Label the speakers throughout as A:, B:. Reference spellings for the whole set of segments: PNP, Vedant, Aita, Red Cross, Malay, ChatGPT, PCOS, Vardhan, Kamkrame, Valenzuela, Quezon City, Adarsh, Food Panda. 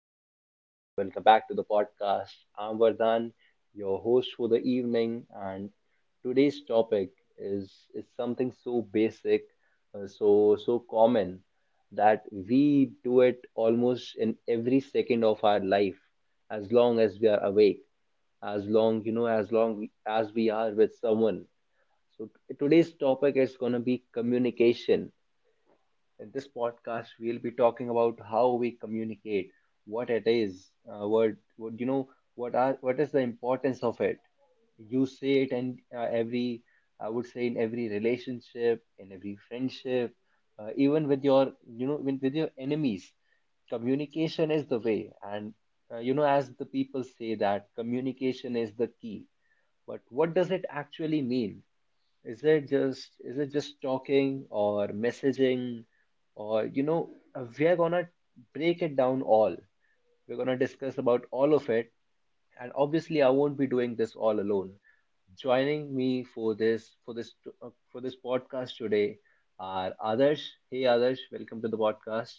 A: everyone, and welcome back to the podcast. I'm Vardhan, your host for the evening, and today's topic is something so basic, so common that we do it almost in every second of our life, as long as we are awake, as long as we are with someone. So today's topic is gonna be communication. In this podcast, we'll be talking about how we communicate, what it is, what you know, what is the importance of it. You say it, and every, I would say in every relationship, in every friendship, even with your you know with your enemies, communication is the way. And as the people say that communication is the key, but what does it actually mean? Is it just talking or messaging, or we are gonna break it down all. We're gonna discuss about all of it, and obviously I won't be doing this all alone. Joining me for this for this podcast today are others hey others welcome to the podcast.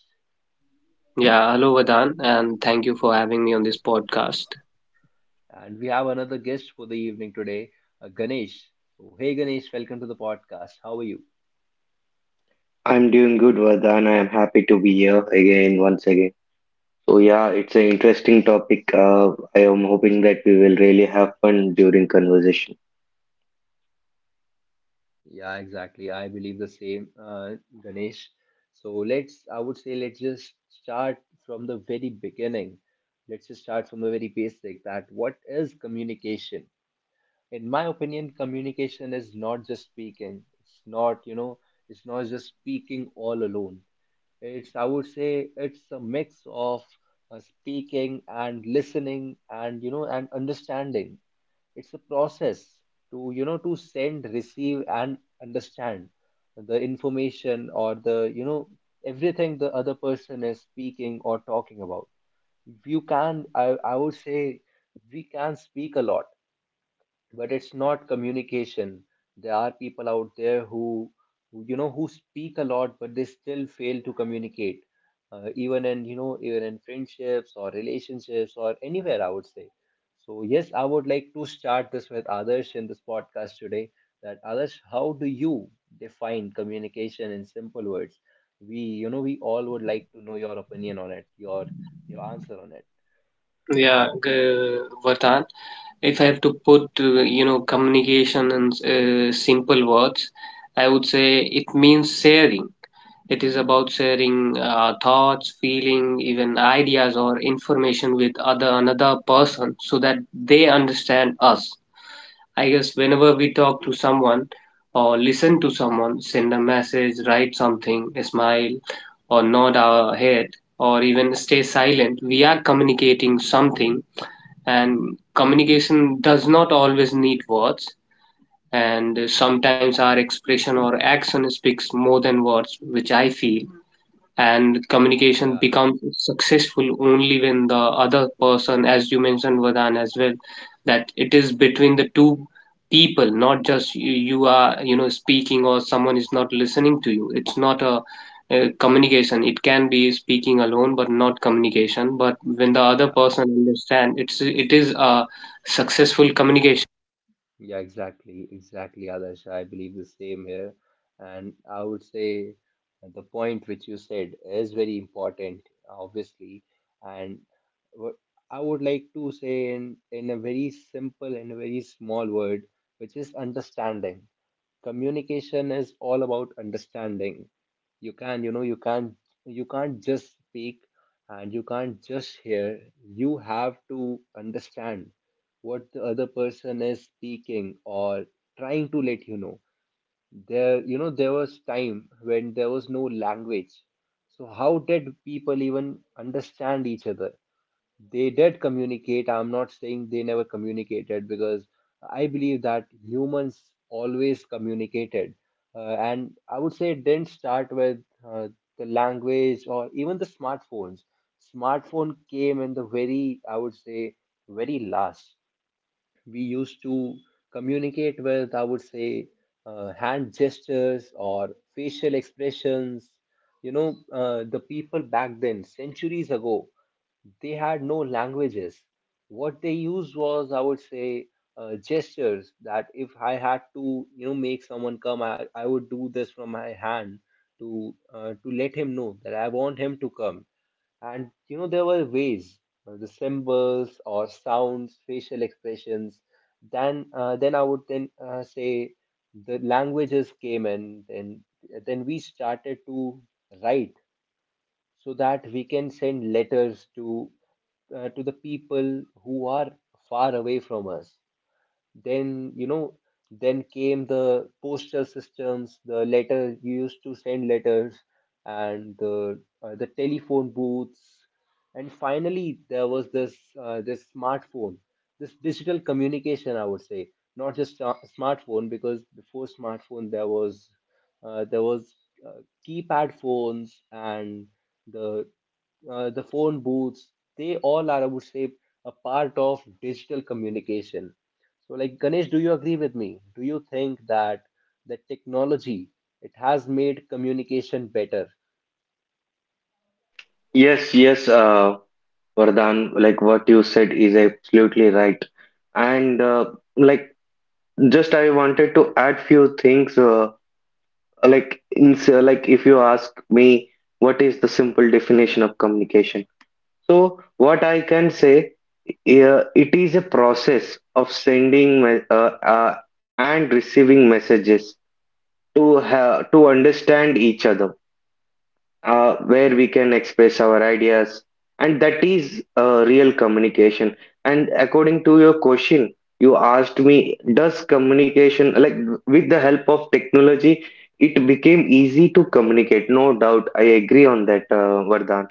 B: Yeah, hello Vardhan, and thank you for having me on this podcast.
A: And we have another guest for the evening today, Ganesh. So, hey Ganesh, welcome to the podcast. How are you?
C: I'm doing good, Vardhan. I am happy to be here again, once again. So yeah, it's an interesting topic. I am hoping that we will really have fun during conversation.
A: Yeah, exactly. I believe the same, Ganesh. So let's, I would say, let's just start from the very beginning. Let's just start from the very basic, that what is communication? In my opinion, communication is not just speaking. It's not, you know, it's not just speaking all alone. It's, I would say, it's a mix of speaking and listening and, you know, and understanding. It's a process to, you know, to send, receive and understand the information, or the, you know, everything the other person is speaking or talking about. I would say we can speak a lot, but it's not communication. There are people out there who, you know, who speak a lot but they still fail to communicate, even in, you know, even in friendships or relationships or anywhere, I would say. So yes, I would like to start this with others in this podcast today. That others how do you define communication in simple words? We, you know, we all would like to know your opinion on it, your answer on it.
B: Yeah, uh, Vardhan, if I have to put, communication in simple words, I would say it means sharing. It is about sharing thoughts, feeling, even ideas or information with other another person so that they understand us. I guess whenever we talk to someone or listen to someone, send a message, write something, smile or nod our head or even stay silent, we are communicating something, and communication does not always need words. And sometimes our expression or action speaks more than words, which I feel, and communication
A: Yeah.
B: becomes successful only when the other person, as you mentioned Vardhan, as well, that it is between the two people, not just you are speaking or someone is not listening to you. It's not a communication. It can be speaking alone but not communication, but when the other
A: Yeah.
B: person understand it's it is a successful communication.
A: Yeah, exactly, exactly, Adarsh. I believe the same here. And I would say the point which you said is very important, obviously. And what I would like to say in a very simple and a very small word, which is understanding. Communication is all about understanding. You can, you can't just speak and you can't just hear, you have to understand what the other person is speaking or trying to let you know. There was time when there was no language, so how did people even understand each other? They did communicate. I'm not saying they never communicated, because I believe that humans always communicated. And I would say it didn't start with uh, the language or even the smartphones. Smartphone came in the very, I would say, very last. We used to communicate with, I would say, hand gestures or facial expressions. You know, the people back then, centuries ago, they had no languages. What they used was, I would say, gestures. That if I had to, you know, make someone come, I would do this from my hand to let him know that I want him to come. And you know, there were ways, the symbols or sounds, facial expressions. Then I would then say the languages came in. Then we started to write so that we can send letters to, to the people who are far away from us. Then, you know, then came the postal systems. The letter, you used to send letters, and the, the telephone booths, and finally there was this, this smartphone, this digital communication, I would say. Not just a smartphone, because before smartphone there was uh, there was uh, keypad phones and the the phone booths. They all are, I would say, a part of digital communication. So, like Ganesh, do you agree with me? Do you think that the technology, it has made communication better?
C: Yes, Vardhan, like what you said is absolutely right. And like just I wanted to add few things. Like in so, like if you ask me, what is the simple definition of communication? So what I can say, it is a process of sending me- and receiving messages to to understand each other, where we can express our ideas, and that is real communication. And according to your question, you asked me, does communication like with the help of technology, it became easy to communicate? No doubt, I agree on that, Vardhan.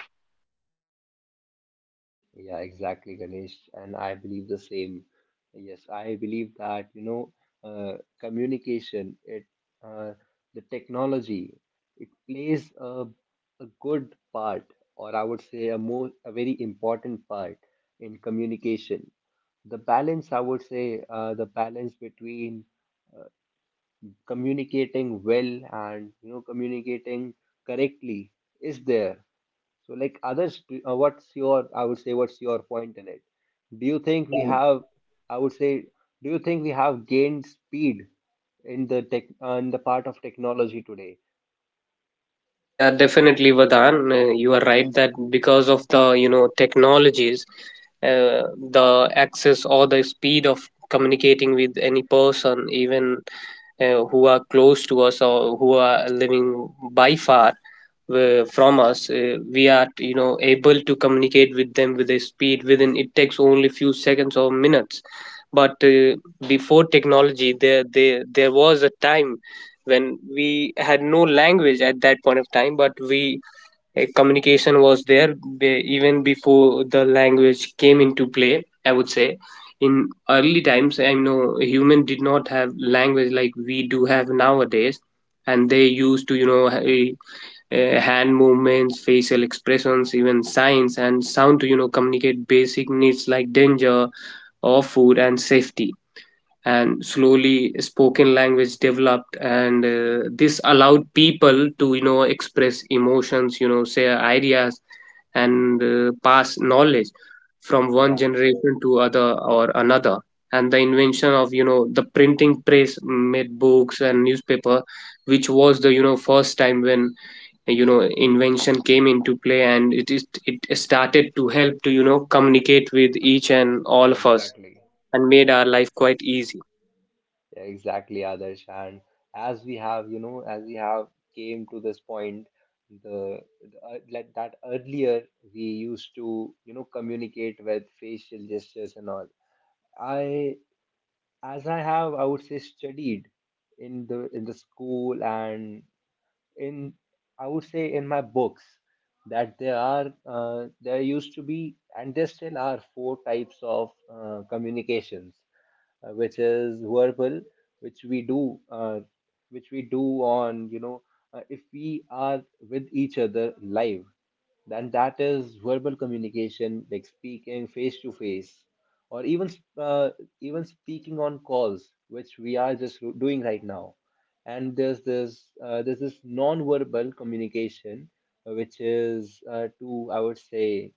A: Yeah, exactly, Ganesh, and I believe the same. Yes, I believe that, you know, communication it uh, the technology, it plays a good part, or I would say a more a very important part in communication. The balance, I would say, the balance between communicating well and, you know, communicating correctly is there. So like others what's your, I would say, what's your point in it? Do you think we have, I would say, do you think we have gained speed in the tech in the part of technology today?
B: Yeah, definitely, Vadan. You are right that because of the, technologies, uh, the access or the speed of communicating with any person, even who are close to us or who are living by far from us, we are, able to communicate with them with a speed within it takes only few seconds or minutes. But before technology, there was a time when we had no language at that point of time, but we, communication was there even before the language came into play, I would say. In early times, I know human did not have language like we do have nowadays, and they used to hand movements, facial expressions, even signs and sound to communicate basic needs like danger or food and safety. And slowly spoken language developed, and this allowed people to express emotions, share ideas, and pass knowledge from one
A: Yeah.
B: generation to other or another. And the invention of the printing press made books and newspaper, which was the, first time when, invention came into play, and it is it started to help to communicate with each and all
A: Yeah,
B: of us
A: exactly.
B: and made our life quite easy.
A: Yeah, exactly, Adarsh. And as we have, you know, as we have came to this point, the like that earlier we used to, you know, communicate with facial gestures and all. I, as I have, I would say, studied in the school and in, I would say, in my books, that there are there used to be and there still are four types of communications, which is verbal, which we do, uh, which we do on, you know, if we are with each other live, then that is verbal communication, like speaking face to face, or even uh, even speaking on calls, which we are just doing right now. And there's this non-verbal communication, which is to, I would say,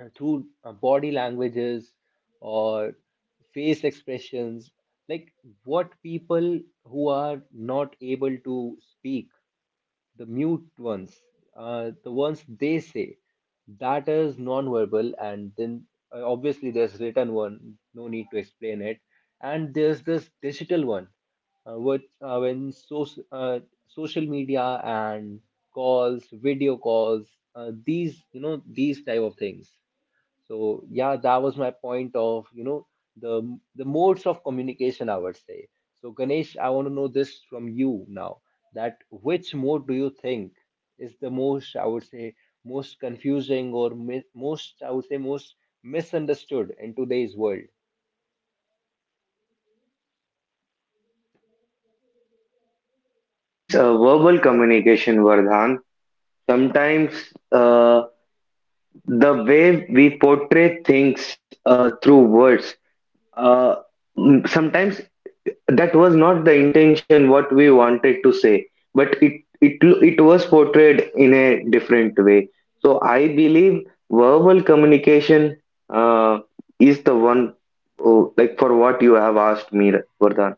A: through body languages or face expressions, like what people who are not able to speak, the mute ones, the ones they say, that is nonverbal. And then, obviously there's written one, no need to explain it. And there's this digital one, uh, which uh, when so, uh, social media and calls, video calls, these, you know, these type of things. So yeah, that was my point of, you know, the modes of communication, I would say. So Ganesh, I want to know this from you now, that which mode do you think is the most, I would say, most confusing or mi most, I would say, most misunderstood in today's world?
C: I think it is verbal communication, Vardhan. Sometimes uh, the way we portray things through words, uh, sometimes that was not the intention what we wanted to say, but it was portrayed in a different way. So I believe verbal communication uh, is the one, oh, like for what you have asked me, Vardhan.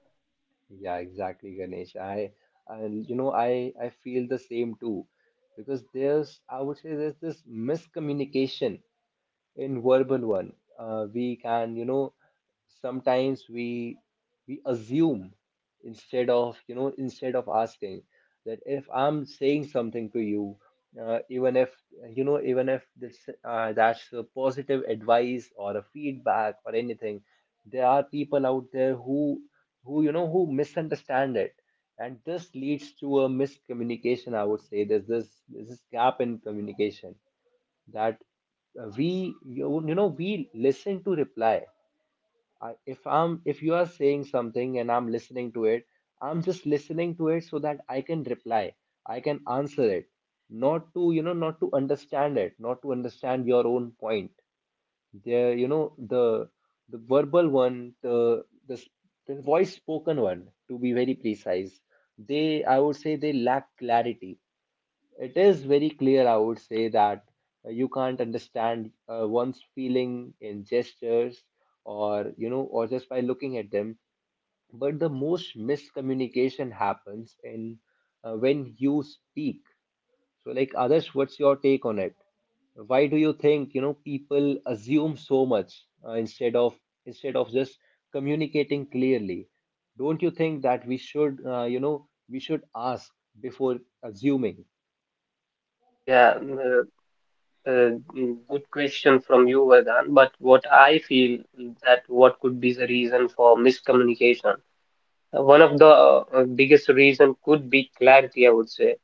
A: Yeah, exactly, Ganesh. I and you know, I feel the same too, because there's, I would say, there's this miscommunication in verbal one. We can, you know, sometimes we assume instead of, you know, instead of asking, that if I'm saying something to you, even if, you know, even if this that's a positive advice or a feedback or anything, there are people out there who, you know, who misunderstand it, and this leads to a miscommunication. I would say there's this gap in communication, that we, you know, we listen to reply. I, if I'm, if you are saying something and I'm listening to it, I'm just listening to it so that I can reply, I can answer it, not to, you know, not to understand it, not to understand your own point. There, you know, the verbal one, the voice spoken one, to be very precise, they, I would say they lack clarity. It is very clear, I would say, that you can't understand one's feeling in gestures or, you know, or just by looking at them. But the most miscommunication happens in, when you speak. So, like, others, what's your take on it? Why do you think, you know, people assume so much, instead of just communicating clearly? Don't you think that we should, you know, we should ask before assuming?
B: Yeah, uh, Good question from you, Vedant. But what I feel, that what could be the reason for miscommunication? One of the biggest reason could be clarity, I would say.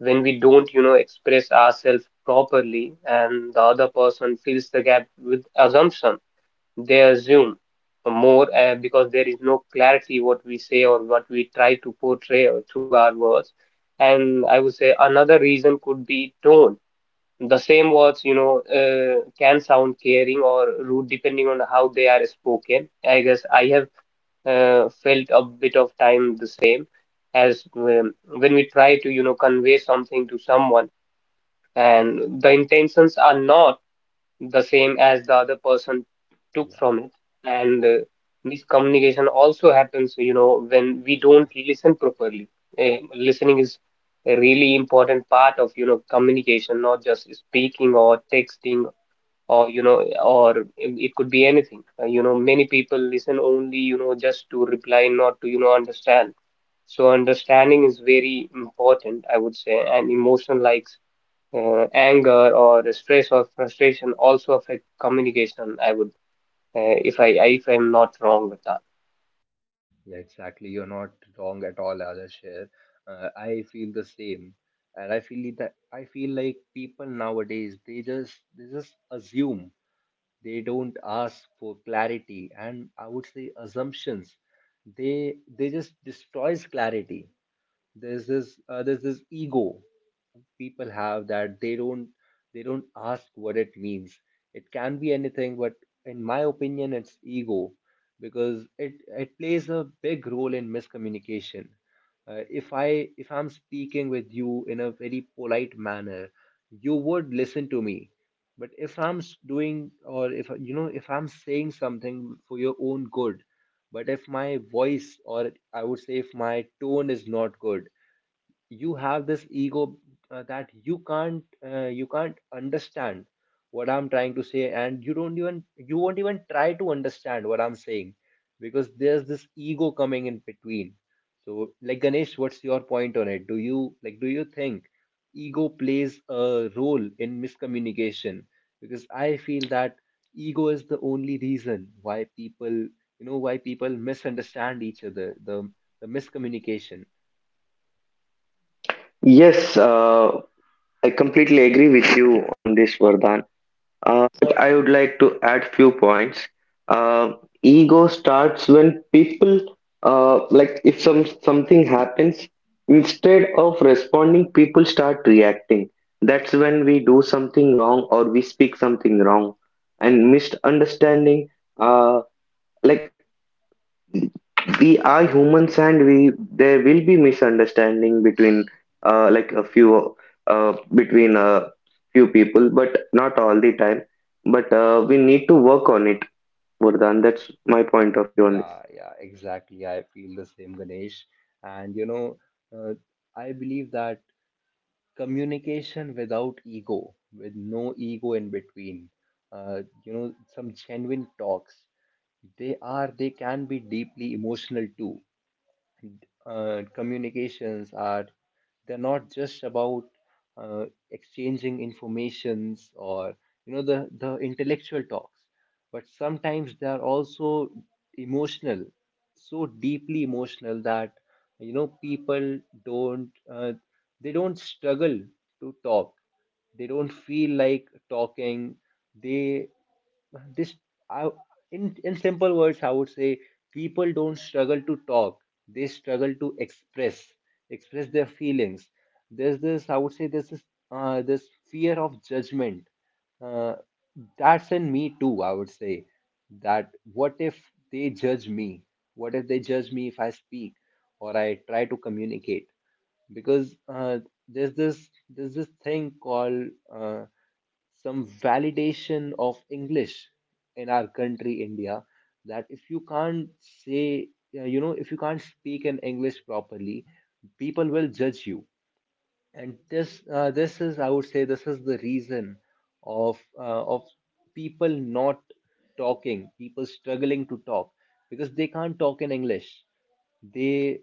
B: When we don't, express ourselves properly, and the other person fills the gap with assumption, they assume more because there is no clarity what we say or what we try to portray through our words. And I would say another reason could be tone. The same words, can sound caring or rude depending on how they are spoken. I guess I have felt a bit of time the same as when we try to, convey something to someone and the intentions are not the same as the other person took
A: Yeah.
B: from it. And miscommunication also happens, when we don't listen properly. Listening is a really important part of, communication, not just speaking or texting or, or it could be anything. You know, many people listen only, just to reply, not to, understand. So understanding is very important, I would say, and emotional like anger or the stress or frustration also affect communication. I would, if I'm not wrong with that.
A: Yeah, exactly. You're not wrong at all, Adarsh. I feel the same, and I feel that I feel like people nowadays they just assume, they don't ask for clarity, and I would say assumptions. They just destroys clarity. There's this ego people have that they don't ask what it means. It can be anything, but in my opinion it's ego because it plays a big role in miscommunication. If I'm speaking with you in a very polite manner, you would listen to me, but if I'm s- doing or if you know, if I'm saying something for your own good, but if my voice, or I would say if my tone is not good, you have this ego, that you can't understand what I'm trying to say, and you won't even try to understand what I'm saying because there's this ego coming in between. So like Ganesh, what's your point on it? Do you do you think ego plays a role in miscommunication? Because I feel that ego is the only reason why people, you know, why people misunderstand each other, the miscommunication.
C: Yes, I completely agree with you on this, Vardhan. But I would like to add few points. Uh, ego starts when people, like if something happens, instead of responding, people start reacting. That's when we do something wrong or we speak something wrong, and misunderstanding. Uh, like we are humans and we there will be misunderstanding uh, like a few between a few people but not all the time, but we need to work on it, Vardhan. That's my point of view on this.
A: Yeah, yeah, exactly. I feel the same, Ganesh. And you know, uh, I believe that communication without ego, with no ego in between, you know, some genuine talks, they can be deeply emotional too. Communications are, they're not just about uh, exchanging informations or you know, the intellectual talks, but sometimes they are also emotional, so deeply emotional that you know, people don't they don't struggle to talk, they don't feel like talking. They this I, in in simple words I would say, people don't struggle to talk, they struggle to express, express their feelings. There's this I would say There's this this fear of judgment, uh, that's in me too, I would say. That what if they judge me? What if they judge me if I speak or I try to communicate? Because there's this thing called some validation of English in our country, India, that if you can't say, you know, if you can't speak in English properly, people will judge you. And this is, I would say, this is the reason of people not talking, people struggling to talk because they can't talk in English. They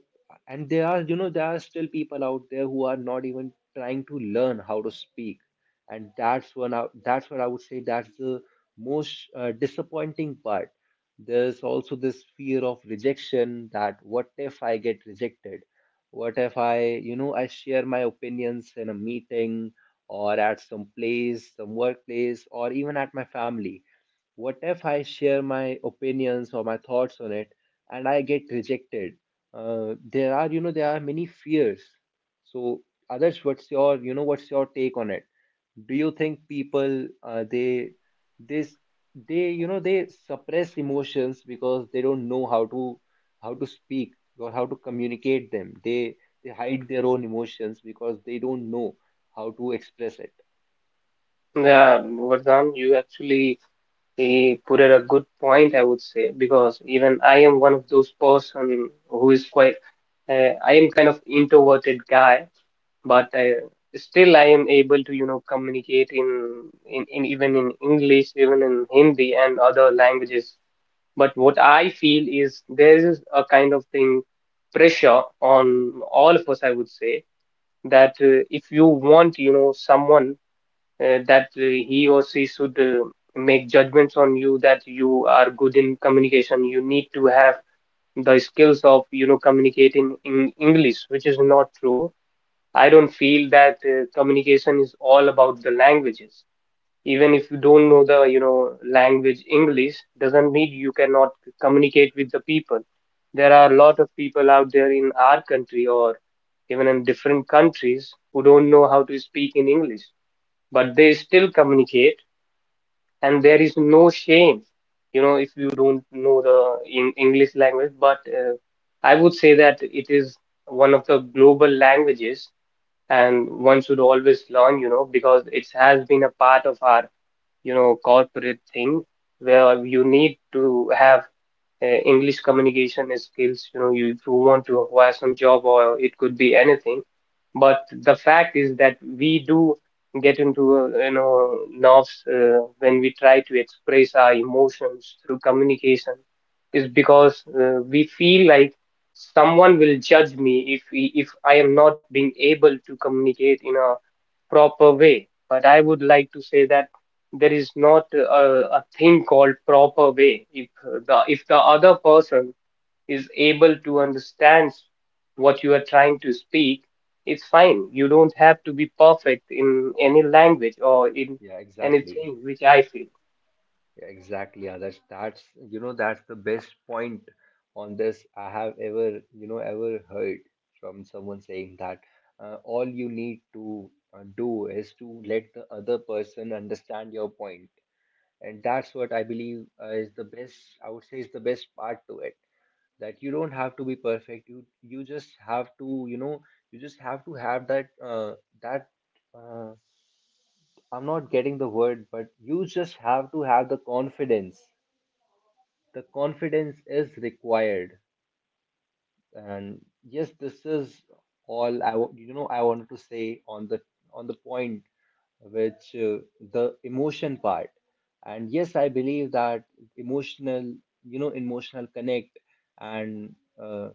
A: and there are, you know, there are still people out there who are not even trying to learn how to speak, and that's what I would say, that's the most disappointing part. There's also this fear of rejection, that what if I get rejected? What if I, you know, I share my opinions in a meeting or at some place, some workplace, or even at my family? What if I share my opinions or my thoughts on it and I get rejected? There are, you know, there are many fears. So, others, what's your, you know, what's your take on it? Do you think people they this they you know, they suppress emotions because they don't know how to, how to speak or how to communicate them? They hide their own emotions because they don't know how to express it.
B: Yeah, Vardhan, you actually, put at a good point, I would say, because even I am one of those person who is quite, I am kind of introverted guy. But I, still I am able to communicate in, even in English, even in Hindi and other languages. But what I feel is there is a kind of thing, pressure on all of us, I would say, that if you want, someone, that he or she should, make judgments on you, that you are good in communication. You need to have the skills of, communicating in English, which is not true. I don't feel that communication is all about the languages. Even if you don't know the, language english, doesn't mean you cannot communicate with the people. There are a lot of people out there in our country or even in different countries who don't know how to speak in english, but they still communicate. And there is no shame, if you don't know the in english language, but I would say that it is one of the global languages and one should always learn, because it has been a part of our, corporate thing where you need to have English communication skills. You know, if you want to acquire some job or it could be anything. But the fact is that we do get into nerves when we try to express our emotions through communication is because we feel like someone will judge me if if I am not being able to communicate in a proper way. But I would like to say that there is not a thing called proper way. If the other person is able to understand what you are trying to speak, it's fine. You don't have to be perfect in any language or in
A: Yeah, exactly.
B: anything, which I feel.
A: Yeah, exactly, yeah. That's, you know, that's the best point on this I have ever, you know, ever heard from someone saying
C: yes
A: that
C: yes others, like
A: all
C: what you
A: you
C: said
A: need
C: is
A: to
C: true.
A: do is to let the other person understand your point. And that's what I believe is the best, I would say is the best part to it. That you don't have to be perfect, you just have to, you know, you just have to have that that uh, I'm not getting the word, but you just have to have the confidence. The confidence is required. And yes, this is you know, I wanted to say on the point, which the emotion part. And yes, I believe that emotional, you know, emotional connect, and uh,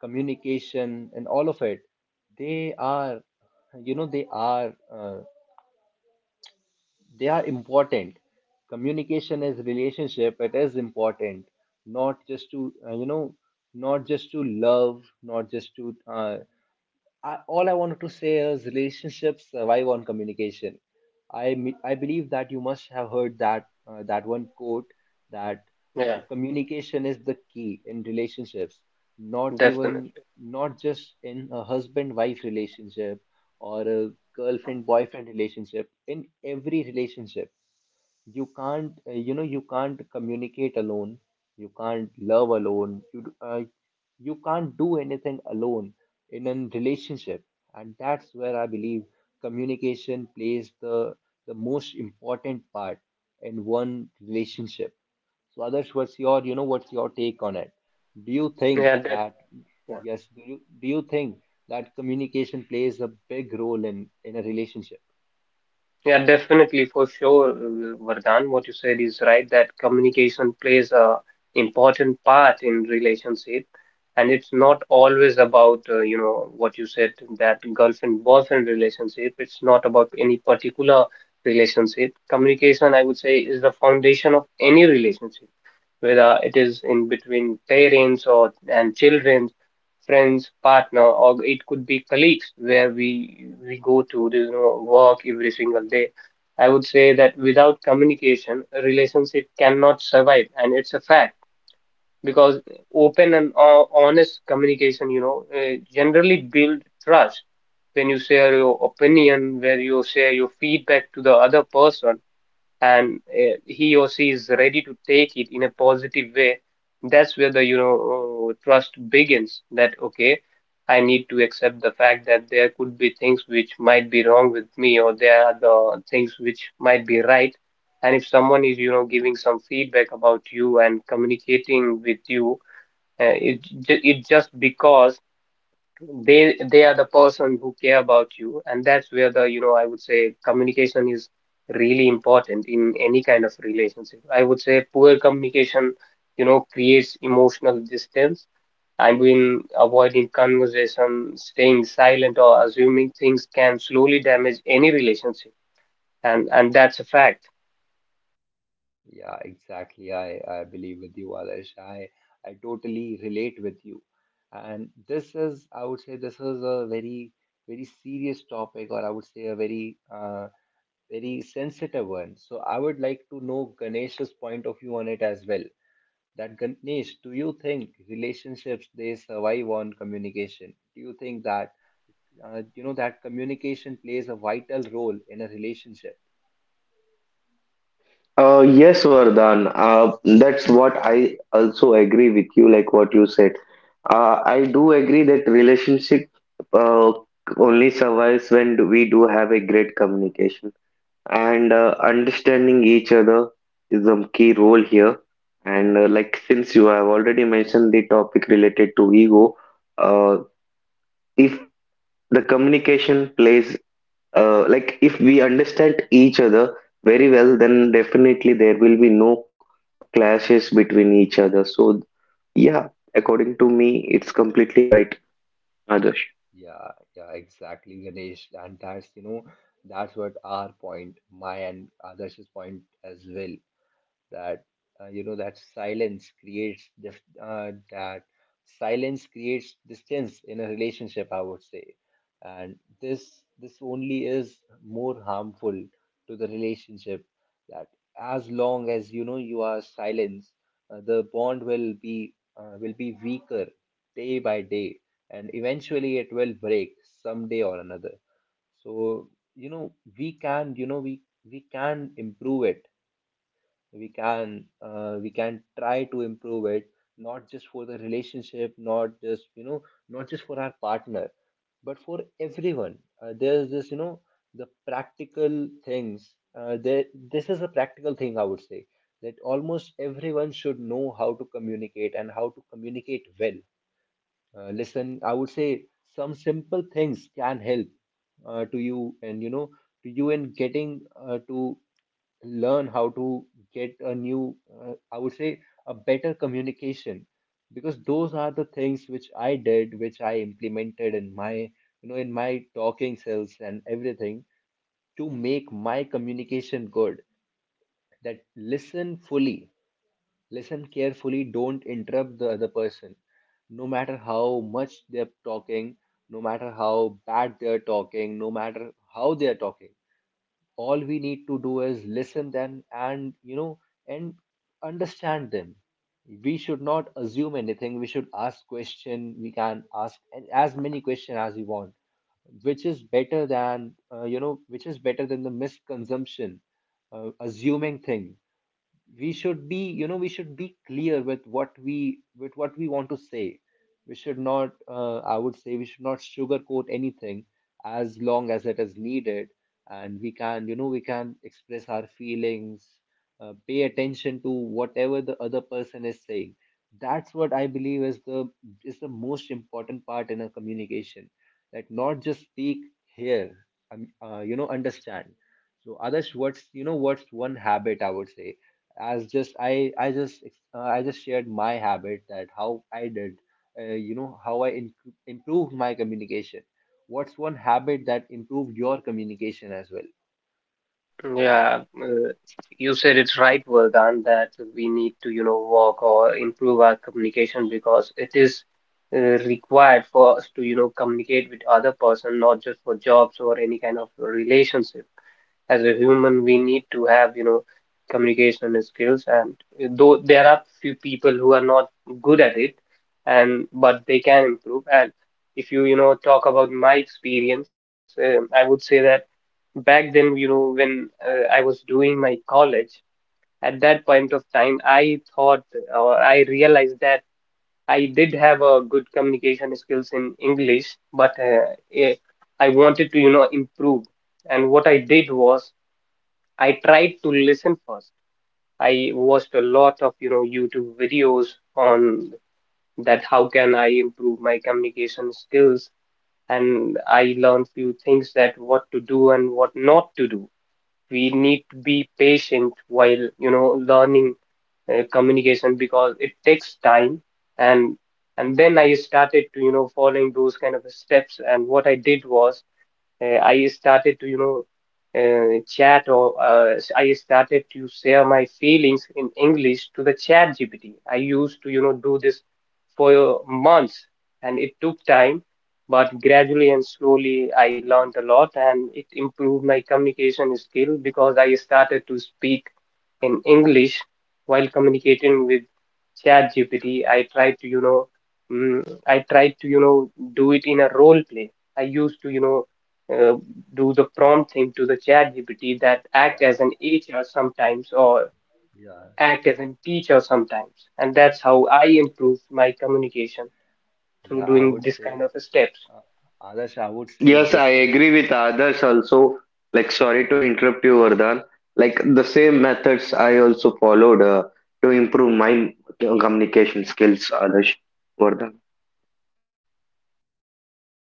A: communication and all of it, they are you know, they are important. Communication is relationship, it is important. Not just to you know, not just to love, not just to all I wanted to say is relationships survive on communication. I believe that you must have heard that that one quote that
B: Yeah,
A: communication is the key in relationships. Not even
B: definitely.
A: Not just in a husband-wife relationship or a girlfriend-boyfriend relationship. In every relationship, you can't you know, you can't communicate alone, you can't love alone, you can't do anything alone in a relationship. And that's where I believe communication plays the most important part in one relationship. So others, what's your, you know, what's your take on it? Do you think
B: Yeah, that.
A: that,
B: Yeah.
A: yes, do you think that communication plays a big role in a relationship?
B: Yeah, definitely for sure, Vardhan. What you said is right, that communication plays a important part in relationship, and it's not always about what you said, that girlfriend boyfriend relationship. It's not about any particular relationship. Communication, I would say, is the foundation of any relationship, whether it is in between parents or and children, friends, partner, or it could be colleagues where we go to work every single day. I would say that without communication, a relationship cannot survive, and it's a fact. Because open and honest communication, generally build trust. When you share your opinion, where you share your feedback to the other person and he or she is ready to take it in a positive way, that's where the, trust begins. That, okay, I need to accept the fact that there could be things which might be wrong with me, or there are the things which might be right. And if someone is, giving some feedback about you and communicating with you, it just because they are the person who care about you. And that's where the, I would say, communication is really important in any kind of relationship. I would say poor communication, creates emotional distance. I mean, avoiding conversation, staying silent or assuming things can slowly damage any relationship, and that's a fact.
A: Yeah, exactly. I believe with you, Alish. I totally relate with you. And this is, I would say, this is a very, very serious topic, or I would say a very, very sensitive one. So I would like to know Ganesh's point of view on it as well. That Ganesh, do you think relationships they survive on communication? Do you think that, you know, that communication plays a vital role in a relationship?
C: Yes, Vardhan. That's what I also agree with you, like what you said. I do agree that relationship uh, only survives when we do have a great communication and understanding each other is a key role here. And like since you have already mentioned the topic related to ego, uh, if the communication plays , if we understand each other very well, then definitely there will be no clashes between each other. So yeah, according to me, it's completely right, Adarsh.
A: Yeah, yeah, exactly, Ganesh. And that's, you know, that's what our point, my and Adarsh's point as well. That you know, that that silence creates distance in a relationship, I would say. And this only is more harmful to the relationship. That as long as you know, you are silent, the bond will be weaker day by day, and eventually it will break someday or another. So you know, we can you know we we can improve it, we can try to improve it, not just for the relationship, not just you know, not just for our partner, but for everyone. There's this, you know, the practical things. There This is a practical thing, I would say, that almost everyone should know how to communicate and how to communicate well. Listen, I would say, some simple things can help to you, and you know, to you in getting to learn how to get a new I would say a better communication, because those are the things which I did, which I implemented in my, you know, in my talking skills and everything to make my communication good. That listen fully, listen carefully, don't interrupt the other person, no matter how much they're talking, no matter how bad they're talking, no matter how they're talking. All we need to do is listen them, and you know, and understand them. We should not assume anything, we should ask question, we can ask as many questions as we want, which is better than you know, which is better than the misconsumption, assuming thing. We should be, you know, we should be clear with what we, with what we want to say. We should not I would say, we should not sugarcoat anything as long as it is needed. And we can, you know, we can express our feelings. Pay attention to whatever the other person is saying. That's what I believe is the, is the most important part in a communication. That not just speak, hear, you know, understand. So others, what's, you know, what's one habit, I would say, as just I just shared my habit, that how I did you know how improved my communication. What's one habit that improved your communication as well?
B: Yeah, uh, you said it's right, Vardhan, that we need to, work or improve our communication because it is uh, required for us to, communicate with other person, not just for jobs or any kind of relationship. As a human, we need to have, communication skills. And though there are few people who are not good at it, and but they can improve. And if you, you know talk about my experience, I would say that back then, when I was doing my college, at that point of time I thought or I realized that I did have a good communication skills in English, but I wanted to improve. And what I did was, I tried to listen first. I watched a lot of, YouTube videos on that, how can I improve my communication skills, and I learned few things, that what to do and what not to do. We need to be patient while, learning communication, because it takes time. and and then I started to, following those kind of steps. And what I did was, I started to, chat or I started to share my feelings in English to the chat GPT. I used to, do this for months, and it took time, but gradually and slowly I learned a lot, and it improved my communication skill because I started to speak in English while communicating with chat GPT. I tried to, I tried to, you know, do it in a role play. I used to, uh, do the prompting to the chat gpt, that act as
A: Yeah,
B: an hr sometimes or
A: yeah.
B: act as a teacher sometimes, and that's how I improved my communication through
A: Yeah, I
B: doing
A: would
B: this
A: say,
B: kind of steps.
A: uh, Adarsh, I would say
C: Yes,
A: this
C: I
A: is,
C: agree with others also. Like, sorry to interrupt you, Vardhan. Like, the same methods I also followed to improve my communication skills, Adarsh, Vardhan.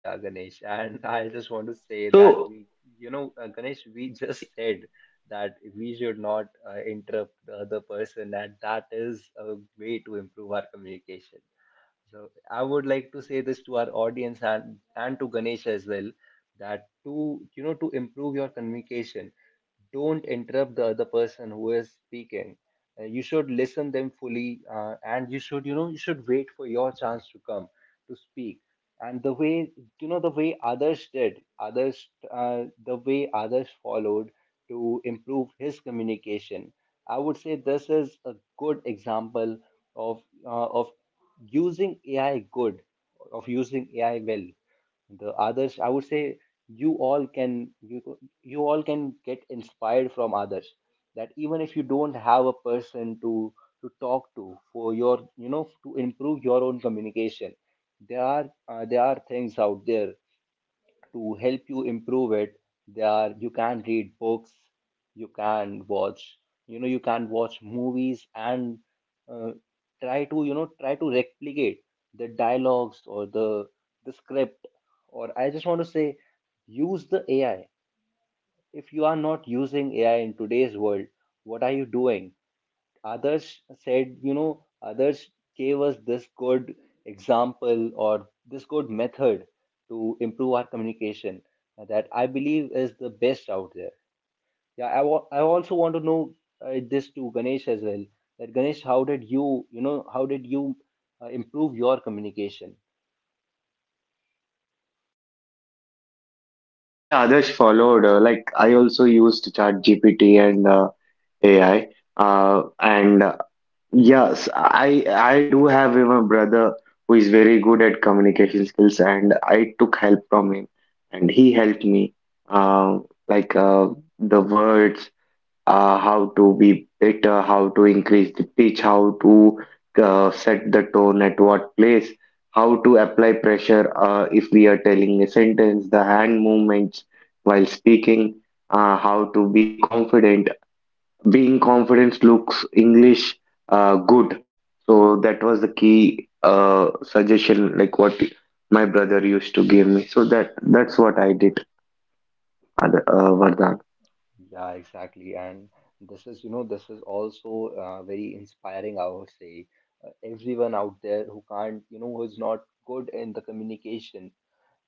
A: yeah, Ganesh, and I just want to say that
C: So,
A: we you know, Ganesh, we
C: the
A: just said that we should not interrupt the other person, and that is a way to improve our communication. So I would like to say this to our audience, and to Ganesh as well, that to, you know, to improve your communication, don't interrupt the other person who is speaking. You should listen them fully, and you should, you know, you should wait for your chance to come to speak. And the way, you know, the way others did, others the way others followed to improve his communication, I would say this is a good example of using AI good, of using AI well. The others, I would say, you all can, you all can get inspired from others. That even if you don't have a person to talk to for your, you know, to improve your own communication, there are things out there to help you improve it. There you can read books, you can watch, you know, you can watch movies, and uh, try to, you know, try to replicate the dialogues or the script. Or I just want to say, use the AI. If you are not using AI in today's world, what are you doing? Others said, you know, others gave us this good example or this good method to improve our communication, that I believe is the best out there. Yeah, I also want to know this to Ganesh as well. That Ganesh, how did you, you know, how did you improve your communication?
C: way others followed, like, I also used ChatGPT and AI. And yes, I do have a brother who is very good at communication skills, and I took help from him, and he helped me. Um, like uh, the words, how to be better, how to increase the pitch, how to set the tone at what place, how to apply pressure if we are telling a sentence, the hand movements while speaking, how to be confident. Being confident looks English good. So that was the key suggestion, like what my brother used to give me. So that's what I did, Vardhan.
A: Yeah, exactly. And this is, you know, this is also very inspiring, I would say. Everyone out there who can't, you know, who's not good in the communication,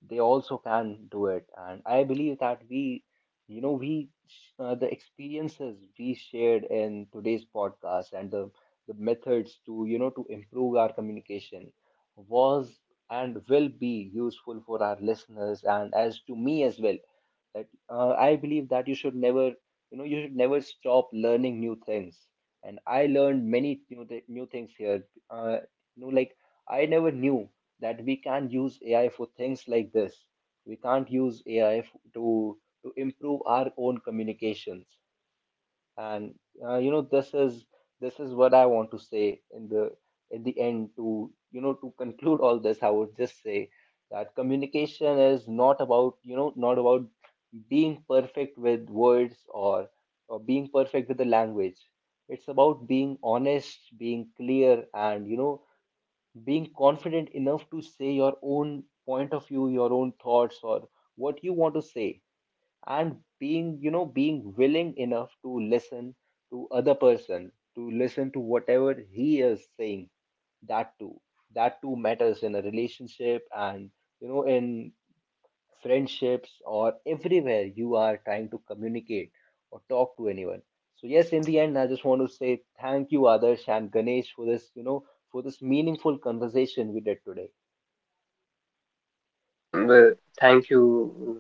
A: they also can do it. And I believe that we you know we sh- the experiences we shared in today's podcast and the methods to, you know, to improve our communication, was and will be useful for our listeners and as to me as well. That I believe that you should never, you know, you should never stop learning new things. And I learned many new things here. Uh, you know, like I never knew that we can use AI for things like this. We can't use AI to to improve our own communications. And you know, this is, this is what I want to say in the, in the end, to, you know, to conclude all this, I would just say that communication is not about, you know, not about being perfect with words, or being perfect with the language. It's about being honest, being clear, and you know, being confident enough to say your own point of view, your own thoughts, or what you want to say. And being, you know, being willing enough to listen to other person, to listen to whatever he is saying. That too, that too matters in a relationship, and you know, in friendships, or everywhere you are trying to communicate or talk to anyone. So yes, in the end I just want to say thank you, Adarsh and Ganesh, for this, you know, for this meaningful conversation we did today.
B: Yeah but Thank you,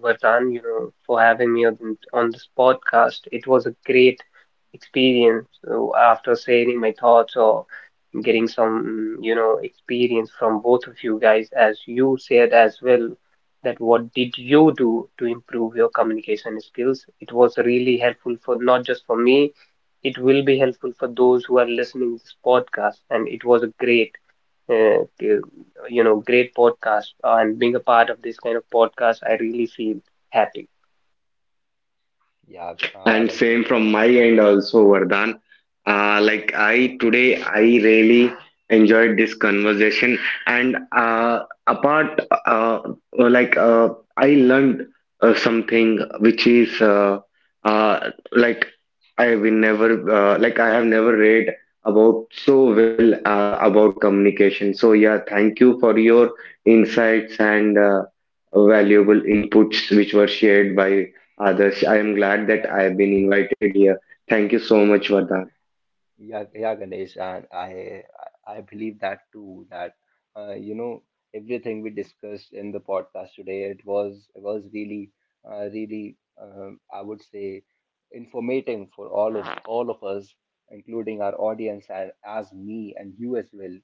B: Vatan, for having me on this podcast. It was a great experience. So after sharing my thoughts or getting some, experience from both of you guys, as you said as well, that what did you do to improve your communication skills? It was really helpful for not just for me, it will be helpful for those who are listening to this podcast. And it was a great, uh, great podcast. And being a part of this kind of podcast, I really feel happy.
A: Yeah,
C: And
A: Adarsh, it
C: same
A: was,
C: from my end also, Vardhan. Like I today, I really enjoyed this conversation, and apart, like I learned something which is like I will never like I have never read about so well about communication. So yeah, thank you for your insights and valuable inputs which were shared by Adarsh. I am glad that
A: yeah,
C: I have been invited here. Thank you so
A: yeah.
C: much, Vada.
A: Yeah, yeah, Ganesh, and I believe that too. That you know, everything we discussed in the podcast today, it was, it was really really I would say informating for all of, all of us, including our audience and as me and you as well.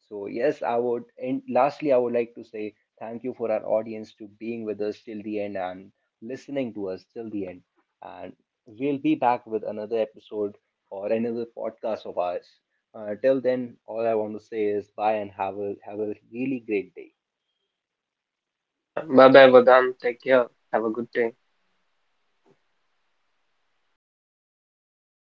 A: So yes, I would. And lastly, I would like to say thank you for our audience, to being with us till the end and listening to us till the end. And we'll be back with another episode or another podcast of ours. Till then, all I want to say is bye and have a, have a really great day.
B: Yeah. Bye bye, Vedant. Take care. Have a good day.